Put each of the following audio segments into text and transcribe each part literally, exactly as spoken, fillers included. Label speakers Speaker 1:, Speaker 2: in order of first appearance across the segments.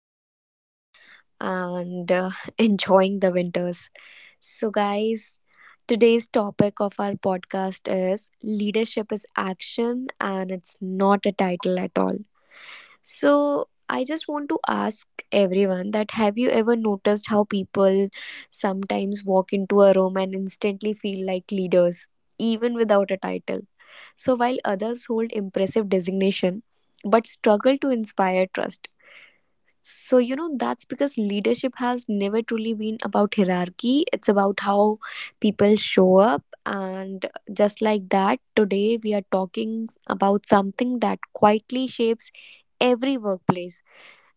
Speaker 1: doing well and uh, enjoying the winters. So guys, today's topic of our podcast is leadership is action and it's not a title at all. So I just want to ask everyone that have you ever noticed how people sometimes walk into a room and instantly feel like leaders even without a title? So while others hold impressive designation but struggle to inspire trust. So, you know, that's because leadership has never truly been about hierarchy. It's about how people show up. And just like that, today we are talking about something that quietly shapes every workplace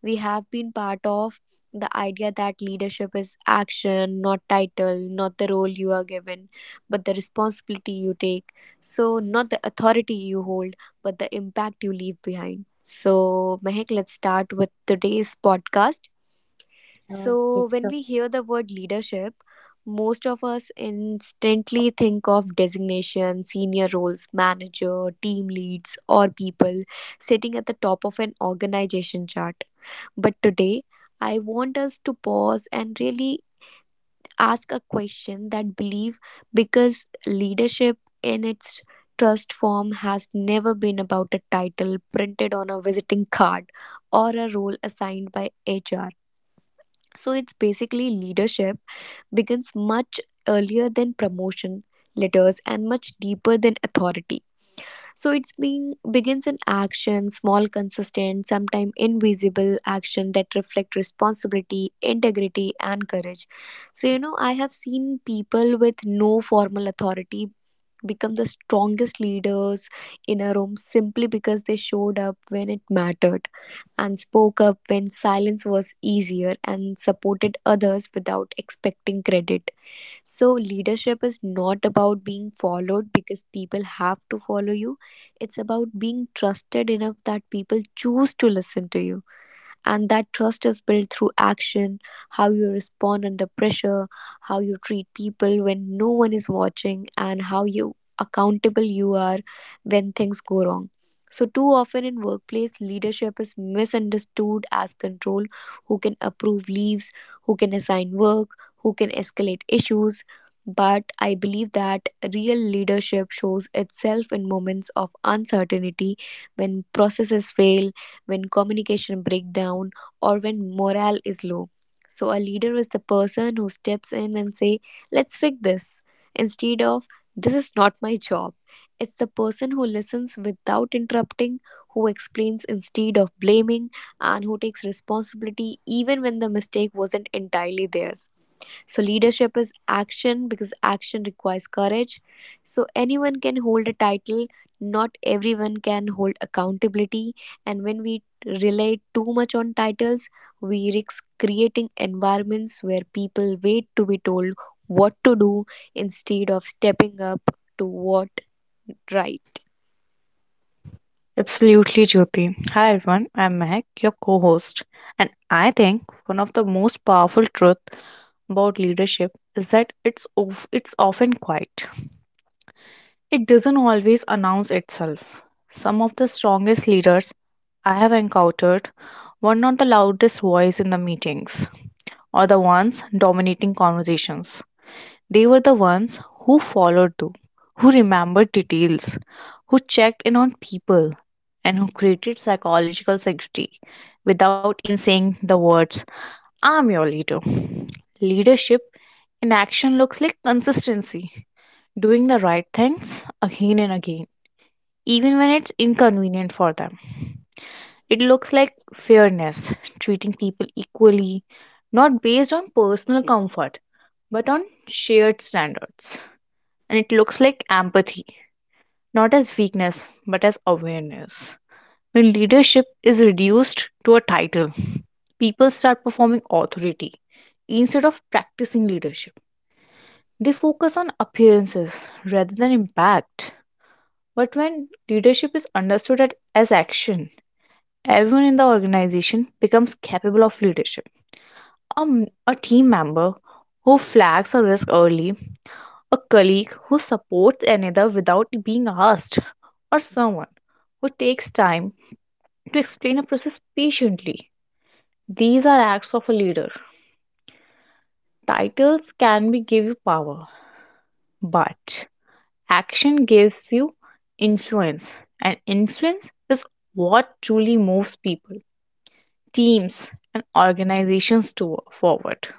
Speaker 1: we have been part of, the idea that leadership is action, not title, not the role you are given, but the responsibility you take. So, not the authority you hold, but the impact you leave behind. So, Mehak, let's start with today's podcast. So, when we hear the word leadership, most of us instantly think of designation, senior roles, manager, team leads, or people sitting at the top of an organization chart. But today, I want us to pause and really ask a question that believe, because leadership in its trust form has never been about a title printed on a visiting card or a role assigned by H R. So it's basically leadership begins much earlier than promotion letters and much deeper than authority. So it's being begins in action, small, consistent, sometimes invisible action that reflect responsibility, integrity, and courage. So you know, I have seen people with no formal authority become the strongest leaders in a room simply because they showed up when it mattered and spoke up when silence was easier and supported others without expecting credit. So, leadership is not about being followed because people have to follow you. It's about being trusted enough that people choose to listen to you. And that trust is built through action, how you respond under pressure, how you treat people when no one is watching, and how you accountable you are when things go wrong. So too often in workplace leadership is misunderstood as control, who can approve leaves, who can assign work, who can escalate issues. But I believe that real leadership shows itself in moments of uncertainty, when processes fail, when communication breaks down, or when morale is low. So a leader is the person who steps in and say, "Let's fix this," instead of "This is not my job." It's the person who listens without interrupting, who explains instead of blaming, and who takes responsibility even when the mistake wasn't entirely theirs. So leadership is action because action requires courage. So anyone can hold a title, not everyone can hold accountability. And when we rely too much on titles, we risk creating environments where people wait to be told what to do instead of stepping up to what right.
Speaker 2: Absolutely, Jyoti. Hi, everyone. I'm Mehak, your co host. And I think one of the most powerful truths about leadership is that it's, of, it's often quiet, it doesn't always announce itself. Some of the strongest leaders I have encountered were not the loudest voice in the meetings or the ones dominating conversations. They were the ones who followed through, who remembered details, who checked in on people, and who created psychological safety without even saying the words, I'm your leader. Leadership in action looks like consistency, doing the right things again and again, even when it's inconvenient for them. It looks like fairness, treating people equally, not based on personal comfort, but on shared standards, and it looks like empathy, not as weakness, but as awareness. When leadership is reduced to a title, people start performing authority instead of practicing leadership. They focus on appearances rather than impact. But when leadership is understood at- as action, everyone in the organization becomes capable of leadership. Um, a team member who flags a risk early, a colleague who supports another without being asked, or someone who takes time to explain a process patiently. These are acts of a leader. Titles can be give you power, but action gives you influence, and influence is what truly moves people, teams, and organizations to forward.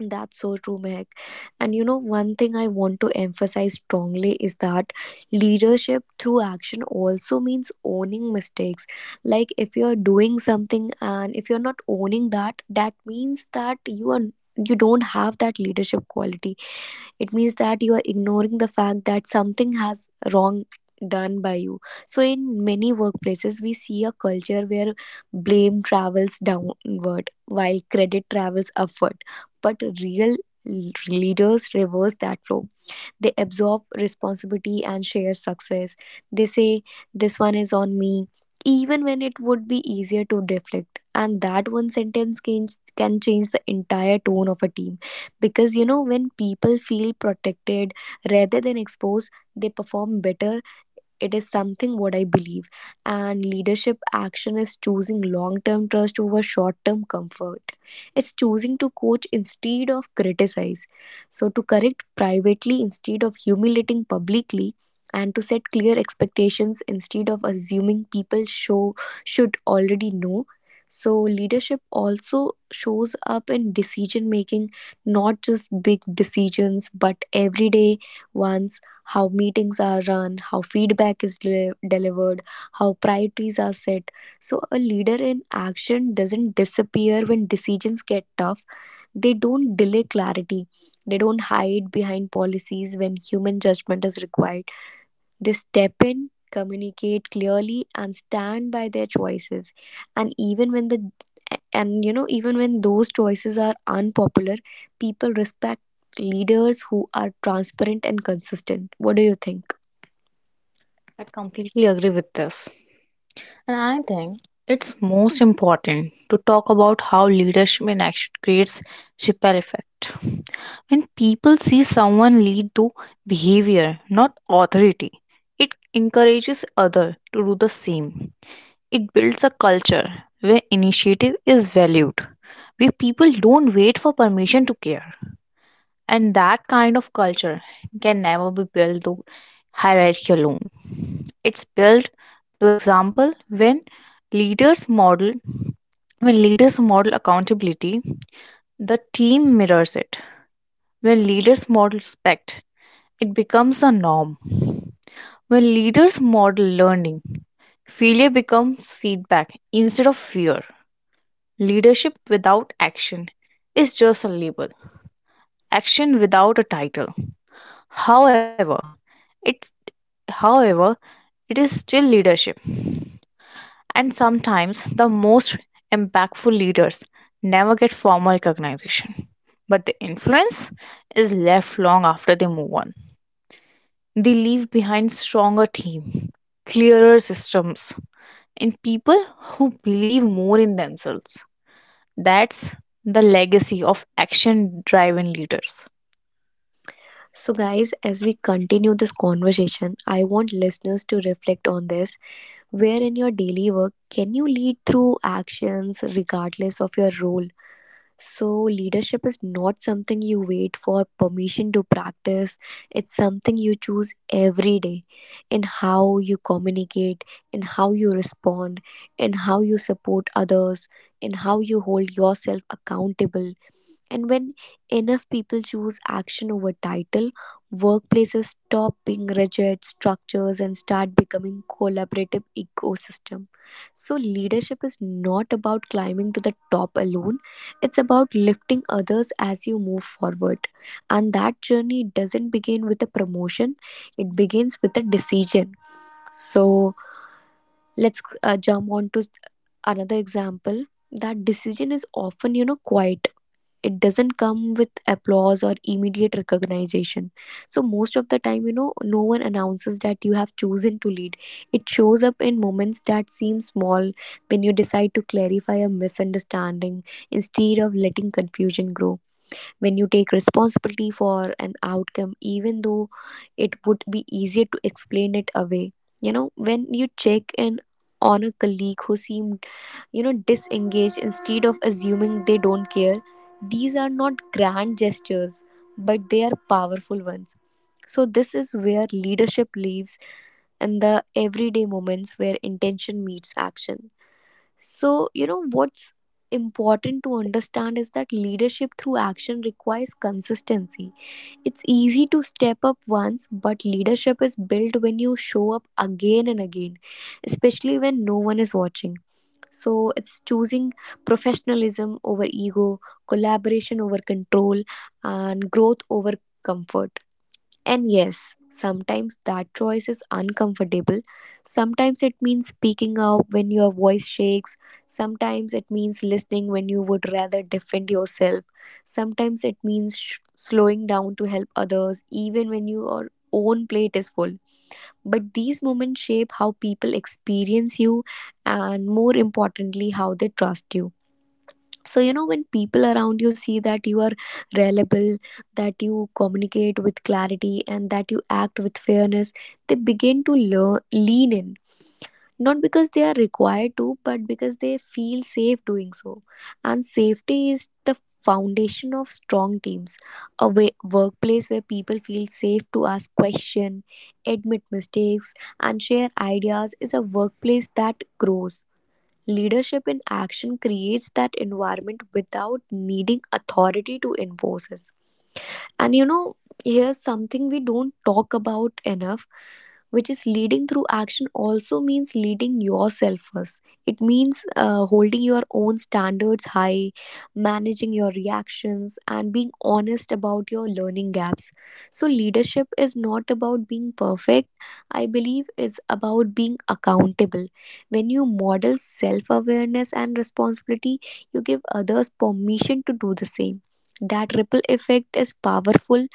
Speaker 1: That's so true, Mehak. And you know, one thing I want to emphasize strongly is that leadership through action also means owning mistakes. Like, if you're doing something and if you're not owning that, that means that you are you don't have that leadership quality, it means that you are ignoring the fact that something has wrong done by you. So in many workplaces we see a culture where blame travels downward while credit travels upward, but real leaders reverse that flow, they absorb responsibility and share success. They say, "This one is on me," even when it would be easier to deflect. And that one sentence can, can change the entire tone of a team. Because, you know, when people feel protected rather than exposed, they perform better, it is something what I believe. And leadership action is choosing long term trust over short term comfort. It's choosing to coach instead of criticize. So, to correct privately instead of humiliating publicly. And to set clear expectations instead of assuming people show, should already know. So, leadership also shows up in decision making, not just big decisions, but everyday ones, how meetings are run, how feedback is deli- delivered, how priorities are set. So, a leader in action doesn't disappear when decisions get tough. They don't delay clarity. They don't hide behind policies when human judgment is required. They step in, communicate clearly, and stand by their choices. And even when the and you know, even when those choices are unpopular, people respect leaders who are transparent and consistent. What do you think?
Speaker 2: I completely agree with this. And I think it's most important to talk about how leadership in action creates ripple effect. When people see someone lead through behavior, not authority, it encourages others to do the same. It builds a culture where initiative is valued, where people don't wait for permission to care. And that kind of culture can never be built through hierarchy alone. It's built through example when leaders model when leaders model accountability, the team mirrors it. When leaders model respect, it becomes a norm. When leaders model learning, failure becomes feedback instead of fear. Leadership without action is just a label. Action without a title, However, it's however, it is still leadership. And sometimes the most impactful leaders never get formal recognition, but the influence is left long after they move on. They leave behind stronger team, clearer systems, and people who believe more in themselves. That's the legacy of action driven leaders.
Speaker 1: So, guys, as we continue this conversation, I want listeners to reflect on this. Where in your daily work can you lead through actions regardless of your role? So, leadership is not something you wait for permission to practice, it's something you choose every day, in how you communicate, in how you respond, in how you support others, in how you hold yourself accountable. And when enough people choose action over title, workplaces stop being rigid structures and start becoming collaborative ecosystem. So leadership is not about climbing to the top alone. It's about lifting others as you move forward. And that journey doesn't begin with a promotion, it begins with a decision. So let's uh, jump on to another example. That decision is often, you know, quiet, it doesn't come with applause or immediate recognition. So most of the time, you know, no one announces that you have chosen to lead. It shows up in moments that seem small, when you decide to clarify a misunderstanding instead of letting confusion grow, when you take responsibility for an outcome even though it would be easier to explain it away, you know, when you check in on a colleague who seemed, you know, disengage instead of assuming they don't care. These are not grand gestures, but they are powerful ones. So this is where leadership lives, and the everyday moments where intention meets action. So you know, what's important to understand is that leadership through action requires consistency. It's easy to step up once, but leadership is built when you show up again and again, especially when no one is watching. So it's choosing professionalism over ego, collaboration over control, and growth over comfort. And yes, sometimes that choice is uncomfortable. Sometimes it means speaking up when your voice shakes. Sometimes it means listening when you would rather defend yourself. Sometimes it means sh- slowing down to help others, even when your own plate is full. But these moments shape how people experience you and, more importantly, how they trust you. So you know, when people around you see that you are reliable, that you communicate with clarity, and that you act with fairness, they begin to learn, lean in, not because they are required to but because they feel safe doing so. And safety is the foundation of strong teams. A way, workplace where people feel safe to ask questions, admit mistakes, and share ideas is a workplace that grows. Leadership in action creates that environment without needing authority to enforce it. And you know, here's something we don't talk about enough, which is leading through action also means leading yourself first. It means uh, holding your own standards high, managing your reactions, and being honest about your learning gaps. So, leadership is not about being perfect, I believe it's about being accountable. When you model self awareness and responsibility, you give others permission to do the same, that ripple effect is powerful.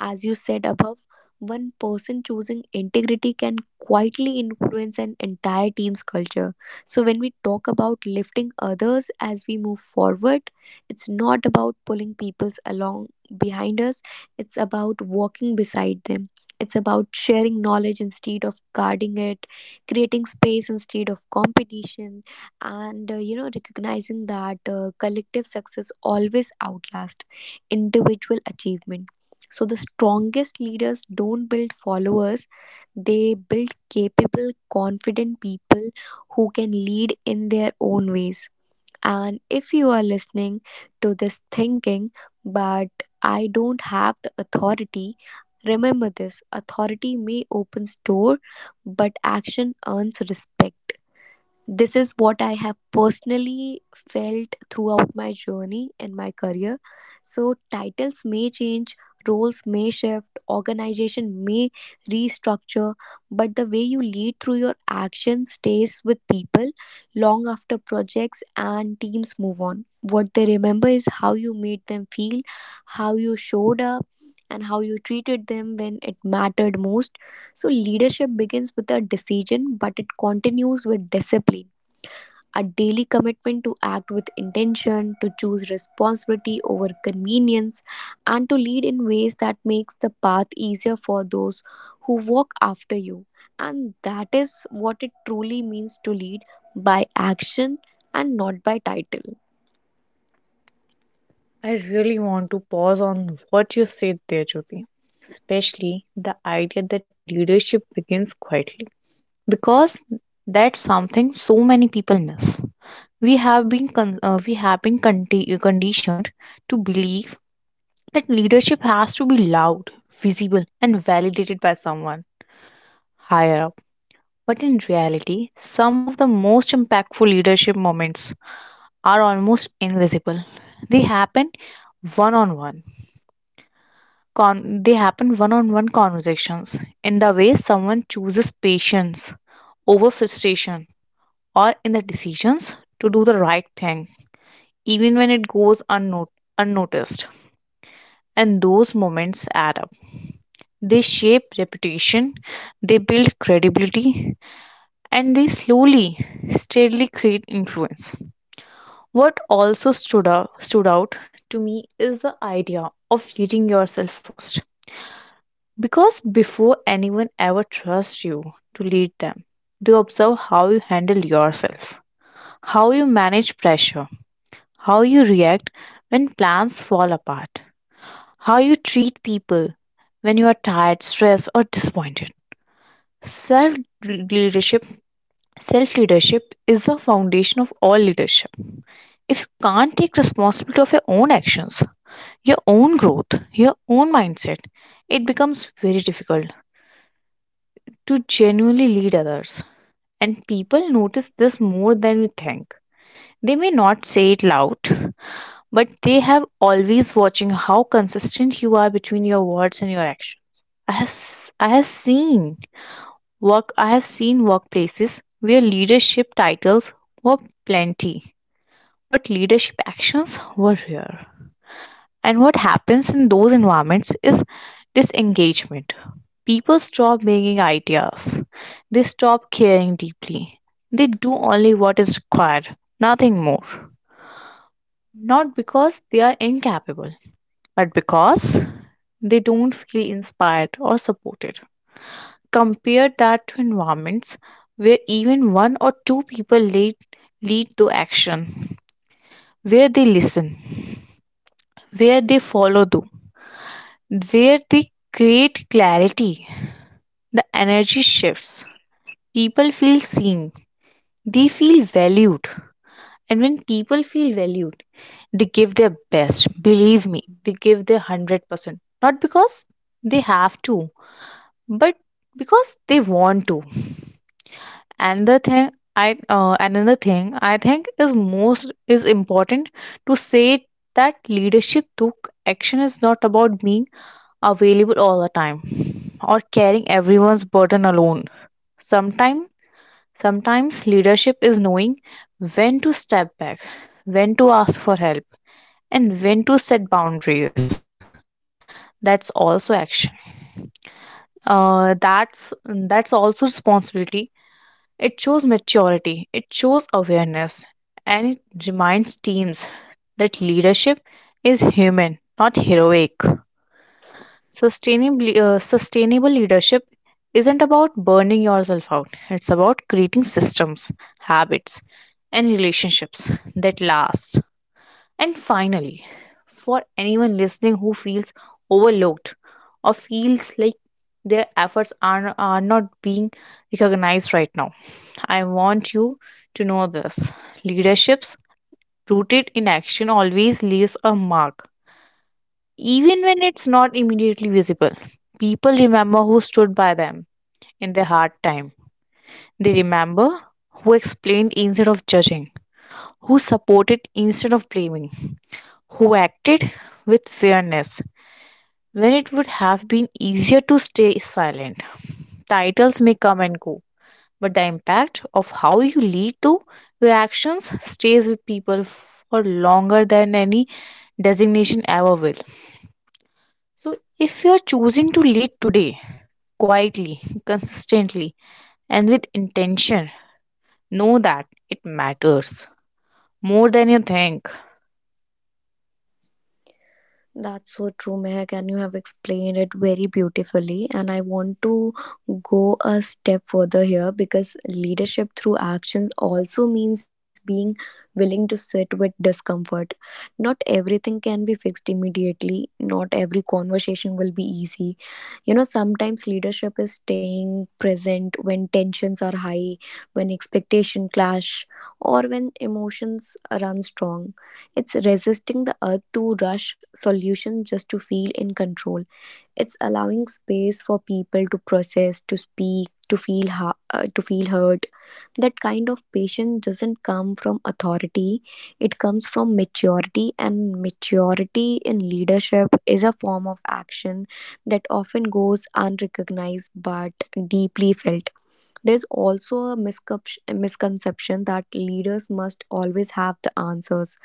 Speaker 1: As you said above, one person choosing integrity can quietly influence an entire team's culture. So, when we talk about lifting others as we move forward, it's not about pulling people along behind us, it's about walking beside them. It's about sharing knowledge instead of guarding it, creating space instead of competition, and uh, you know, recognizing that uh, collective success always outlasts individual achievement. So, the strongest leaders don't build followers, they build capable, confident people who can lead in their own ways. And if you are listening to this thinking, but I don't have the authority, remember this, authority may open door, but action earns respect. This is what I have personally felt throughout my journey and my career. So, titles may change, roles may shift, organization may restructure, but the way you lead through your action stays with people long after projects and teams move on. What they remember is how you made them feel, how you showed up, and how you treated them when it mattered most. So, leadership begins with a decision, but it continues with discipline, a daily commitment to act with intention, to choose responsibility over convenience, and to lead in ways that makes the path easier for those who walk after you. And that is what it truly means to lead by action and not by title.
Speaker 2: I really want to pause on what you said there, Jyoti, especially the idea that leadership begins quietly, because that's something so many people miss. We have been con- uh, we have been conti- conditioned to believe that leadership has to be loud, visible, and validated by someone higher up. But in reality, some of the most impactful leadership moments are almost invisible. They happen one on one. Con- they happen one on one conversations in the way someone chooses patience over frustration, or in the decisions to do the right thing, even when it goes unno- unnoticed. And those moments add up. They shape reputation, they build credibility, and they slowly, steadily create influence. What also stood out, stood out to me is the idea of leading yourself first. Because before anyone ever trusts you to lead them, they observe how you handle yourself, how you manage pressure, how you react when plans fall apart, how you treat people when you are tired, stressed, or disappointed. Self leadership, Self leadership is the foundation of all leadership. If you can't take responsibility of your own actions, your own growth, your own mindset, it becomes very difficult to genuinely lead others. And people notice this more than we think. They may not say it loud, but they have always watching how consistent you are between your words and your actions. I have, s- I have seen work I have seen workplaces where leadership titles were plenty, but leadership actions were rare. And what happens in those environments is disengagement. People stop bringing ideas, they stop caring deeply. They do only what is required, nothing more. Not because they are incapable, but because they don't feel inspired or supported. Compare that to environments where even one or two people lead, lead to action, where they listen, where they follow through, where they create clarity. The energy shifts. People feel seen. They feel valued. And when people feel valued, they give their best. Believe me, they give their one hundred percent. Not because they have to, but because they want to. Another thing I uh, another thing I think is most is important to say that leadership through action is not about being available all the time or carrying everyone's burden alone. Sometimes sometimes leadership is knowing when to step back, when to ask for help, and when to set boundaries. That's also action. Uh, that's that's also responsibility. It shows maturity, it shows awareness, and it reminds teams that leadership is human, not heroic. Sustainable, uh, sustainable leadership isn't about burning yourself out. It's about creating systems, habits, and relationships that last. And finally, for anyone listening who feels overlooked or feels like their efforts are, are not being recognized right now, I want you to know this leaderships rooted in action always leaves a mark even when it's not immediately visible. People remember who stood by them in their hard time. They remember who explained instead of judging, who supported instead of blaming, who acted with fairness when it would have been easier to stay silent. Titles may come and go, but the impact of how you lead to your actions stays with people for longer than any designation ever will. So, if you are choosing to lead today, quietly, consistently, and with intention. Know that it matters more than you think.
Speaker 1: That's so true, Mehak, and you have explained it very beautifully. And I want to go a step further here because leadership through action also means being willing to sit with discomfort. Not everything can be fixed immediately, not every conversation will be easy. You know, sometimes leadership is staying present when tensions are high, when expectation clash, or when emotions run strong. It's resisting the urge to rush solutions just to feel in control. It's allowing space for people to process, to speak, to feel ha- uh, to feel hurt. That kind of patience doesn't come from authority. It comes from maturity, and maturity in leadership is a form of action that often goes unrecognized but deeply felt. There's also a miscep- misconception that leaders must always have the answers,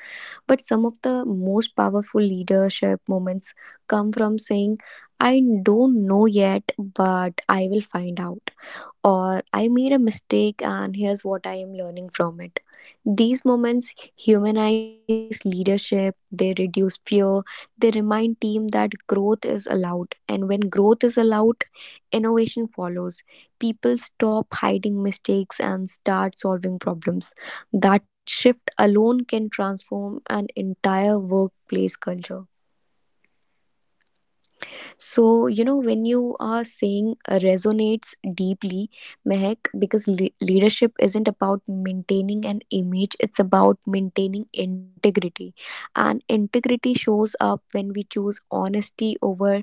Speaker 1: but some of the most powerful leadership moments come from saying, "I don't know yet, but I will find out," or, "I made a mistake and here's what I am learning from it." These moments humanize leadership, they reduce fear, they remind team that growth is allowed, and when growth is allowed, innovation follows. People stop hiding mistakes and start solving problems. That shift alone can transform an entire workplace culture. So, you know, when you are saying uh, resonates deeply, Mehak, because le- leadership isn't about maintaining an image, it's about maintaining integrity. And integrity shows up when we choose honesty over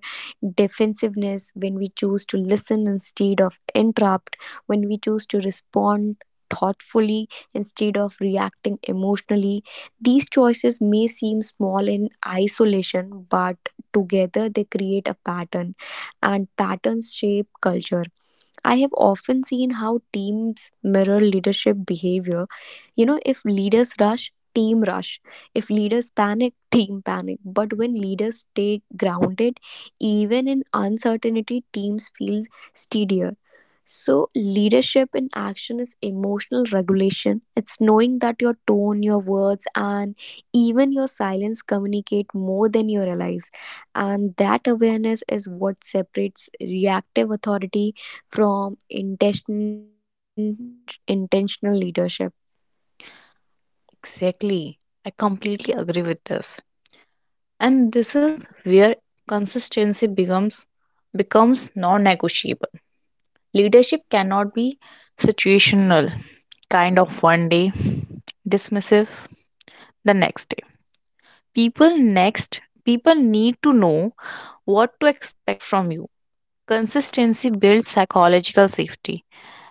Speaker 1: defensiveness, when we choose to listen instead of interrupt, when we choose to respond thoughtfully instead of reacting emotionally. These choices may seem small in isolation, but together they create a pattern, and patterns shape culture. I have often seen how teams mirror leadership behavior. You know, if leaders rush, team rush. If leaders panic, team panic. But when leaders stay grounded, even in uncertainty, teams feel steadier. So, leadership in action is emotional regulation. It's knowing that your tone, your words, and even your silence communicate more than you realize, and that awareness is what separates reactive authority from intention, intentional leadership.
Speaker 2: Exactly. I completely agree with this. And this is where consistency becomes becomes non-negotiable. Leadership cannot be situational, kind of one day, dismissive the next day. People next people need to know what to expect from you. Consistency builds psychological safety,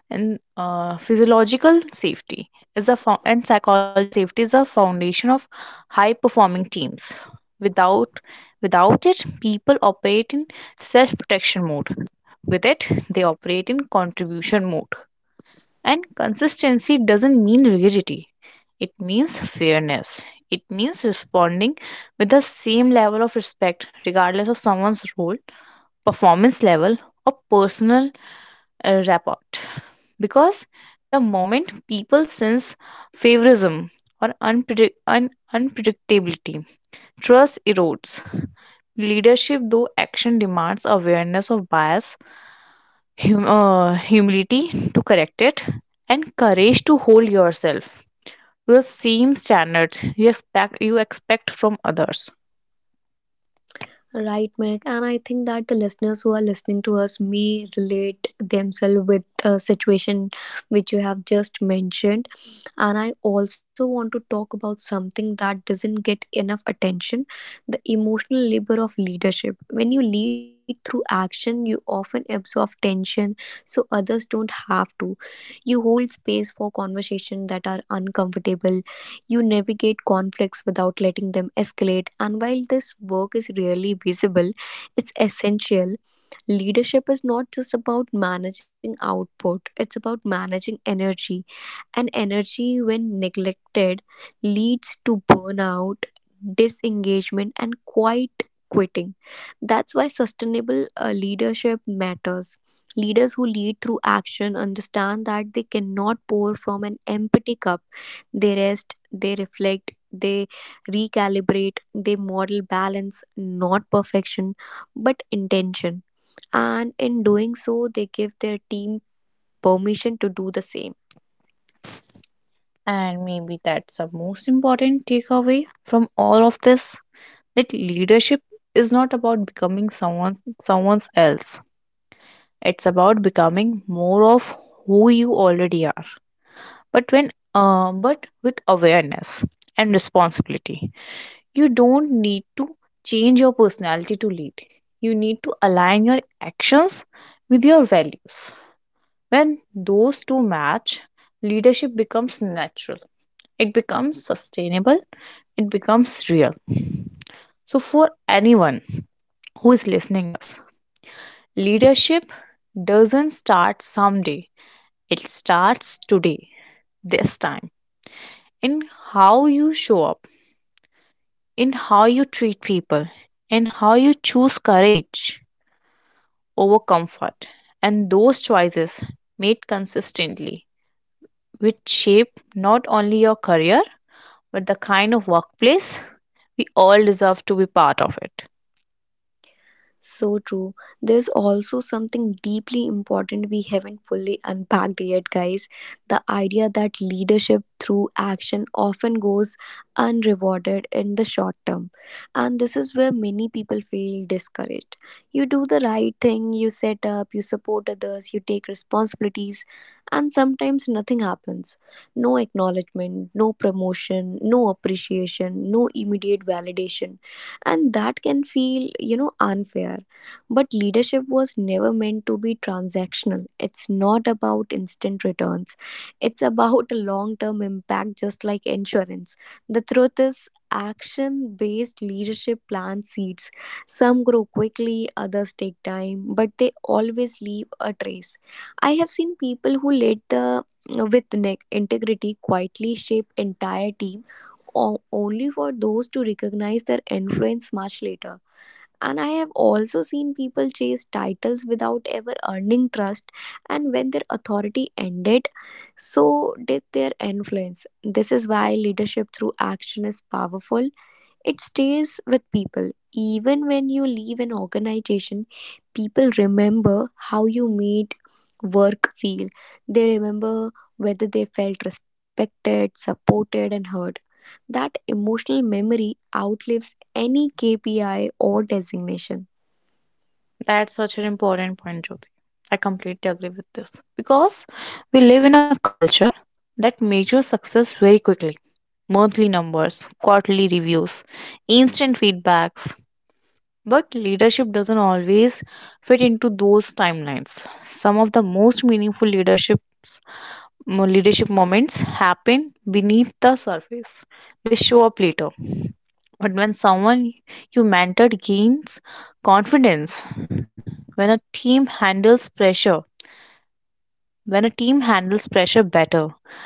Speaker 2: and uh, physiological safety is a fo- and psychological safety is a foundation of high performing teams. Without without it, people operate in self protection mode. With it, they operate in contribution mode. And consistency doesn't mean rigidity. It means fairness. It means responding with the same level of respect regardless of someone's role, performance level, or personal uh, rapport. Because the moment people sense favorism or unpredict- un- unpredictability, trust erodes. Leadership, though action, demands awareness of bias, hum- uh, humility to correct it, and courage to hold yourself to the same standards you expect, you expect from others.
Speaker 1: Right, Meg. And I think that the listeners who are listening to us may relate themselves with the situation which you have just mentioned. And I also want to talk about something that doesn't get enough attention: the emotional labor of leadership. When you lead through action, you often absorb tension so others don't have to. You hold space for conversations that are uncomfortable, you navigate conflicts without letting them escalate, and while this work is rarely visible, it's essential. Leadership is not just about managing output, it's about managing energy, and energy when neglected leads to burnout, disengagement and quite quitting. That's why sustainable uh, leadership matters. Leaders who lead through action understand that they cannot pour from an empty cup. They rest, they reflect, they recalibrate. They model balance, not perfection but intention, and in doing so they give their team permission to do the same.
Speaker 2: And maybe that's the most important takeaway from all of this that leadership is not about becoming someone someone else. It's about becoming more of who you already are. But when uh, but with awareness and responsibility. You don't need to change your personality to lead. You need to align your actions with your values. When those two match, leadership becomes natural, it becomes sustainable, it becomes real. So for anyone who is listening us, leadership doesn't start someday, it starts today, this time, in how you show up, in how you treat people, in how you choose courage over comfort. And those choices made consistently which shape not only your career, but the kind of workplace we all deserve to be part of it.
Speaker 1: So true. There's also something deeply important we haven't fully unpacked yet, guys. The idea that leadership through action often goes unrewarded in the short term. And this is where many people feel discouraged. You do the right thing, you set up, you support others, you take responsibilities, and sometimes nothing happens. No acknowledgement, no promotion, no appreciation, no immediate validation, and that can feel, you know, unfair. But leadership was never meant to be transactional. It's not about instant returns, it's about a long term impact, just like insurance. The truth is, action based leadership plants seeds. Some grow quickly, others take time, but they always leave a trace. I have seen people who led the with ne- integrity quietly shape entire teams, o- only for those to recognize their influence much later. And I have also seen people chase titles without ever earning trust, and when their authority ended, so did their influence. This is why leadership through action is powerful. It stays with people. Even when you leave an organization, people remember how you made work feel. They remember whether they felt respected, supported, and heard. That emotional memory outlives any K P I or designation.
Speaker 2: That's such an important point, Jyoti. I completely agree with this because we live in a culture that measures success very quickly, monthly numbers, quarterly reviews, instant feedbacks. But leadership doesn't always fit into those timelines. Some of the most meaningful leaderships mo- leadership moments happen beneath the surface. They show up later. But when someone you mentored gains confidence, when a team handles pressure, when a team handles pressure better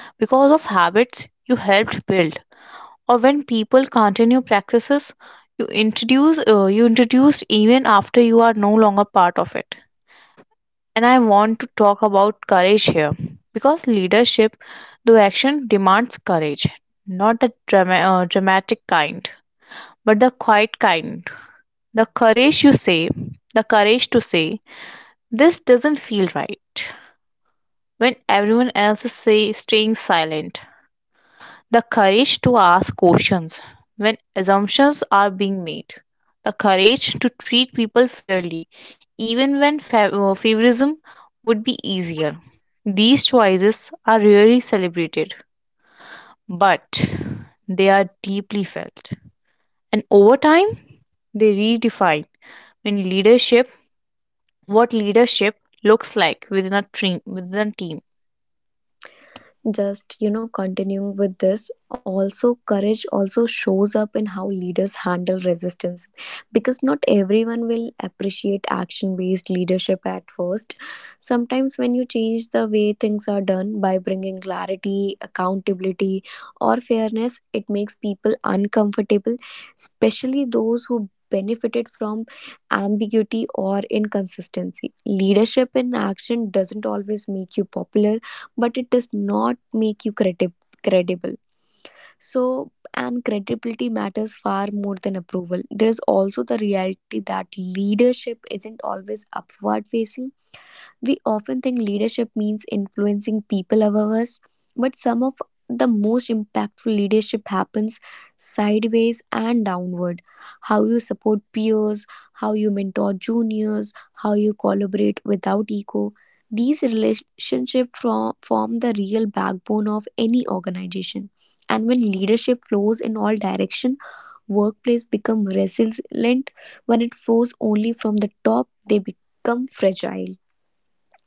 Speaker 2: because of habits you helped build, or when people continue practices you introduce uh, you introduced even after you are no longer part of it. And I want to talk about courage here because leadership, though action, demands courage, not the drama- uh, dramatic kind, but the quiet kind. The courage you say, the courage to say, this doesn't feel right when everyone else is say, staying silent. The courage to ask questions when assumptions are being made. The courage to treat people fairly, even when fa- uh, favoritism would be easier. These choices are rarely celebrated, but they are deeply felt. And over time, they redefine in leadership what leadership looks like within a team. Within a team,
Speaker 1: Just, you know, continuing with this, also courage also shows up in how leaders handle resistance, because not everyone will appreciate action based leadership at first. Sometimes when you change the way things are done by bringing clarity, accountability or fairness, it makes people uncomfortable, especially those who benefited from ambiguity or inconsistency. Leadership in action doesn't always make you popular, but it does not make you credib- credible. So, and credibility matters far more than approval. There's also the reality that leadership isn't always upward facing. We often think leadership means influencing people above us, but some of the most impactful leadership happens sideways and downward. How you support peers, how you mentor juniors, how you collaborate without ego. These relationships from, form the real backbone of any organization. And when leadership flows in all direction, workplace become resilient. When it flows only from the top, they become fragile.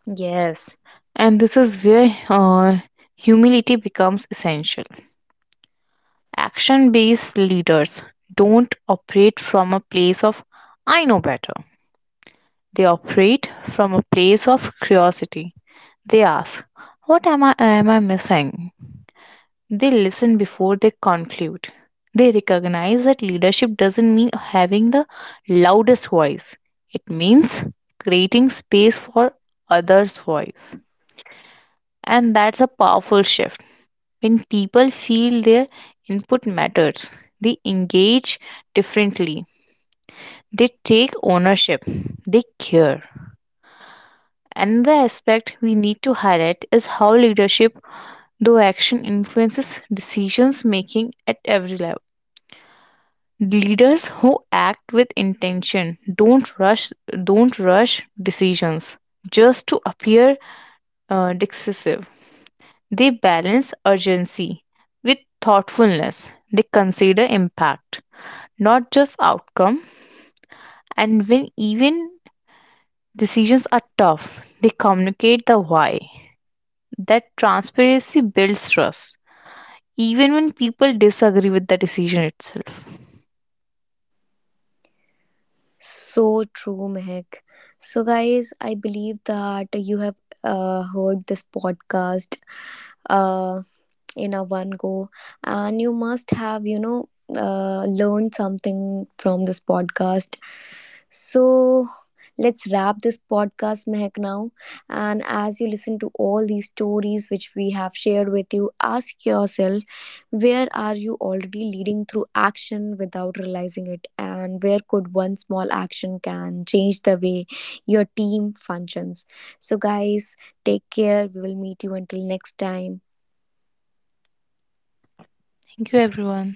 Speaker 2: yes, and this is where uh, humility becomes essential. Action based leaders don't operate from a place of I know better. They operate from a place of curiosity. They ask, What am I, am I missing? They listen before they conclude. They recognize that leadership doesn't mean having the loudest voice, it means creating space for others' voice. And that's a powerful shift. When people feel their input matters, they engage differently, they take ownership, they care. Another aspect we need to highlight is how leadership, though action, influences decisions making at every level. Leaders who act with intention don't rush don't rush decisions just to appear uh, decisive. They balance urgency with thoughtfulness. They consider impact, not just outcome. And when even decisions are tough, they communicate the why. That transparency builds trust, even when people disagree with the decision itself.
Speaker 1: So true, Mehak. So, guys, I believe that you have uh, heard this podcast. Uh, in a one go, and you must have, you know, uh, learned something from this podcast. So let's wrap this podcast, Mehak, now. And as you listen to all these stories which we have shared with you, ask yourself, where are you already leading through action without realizing it, and where could one small action can change the way your team functions. So, guys, take care. We will meet you until next time.
Speaker 2: Thank you, everyone.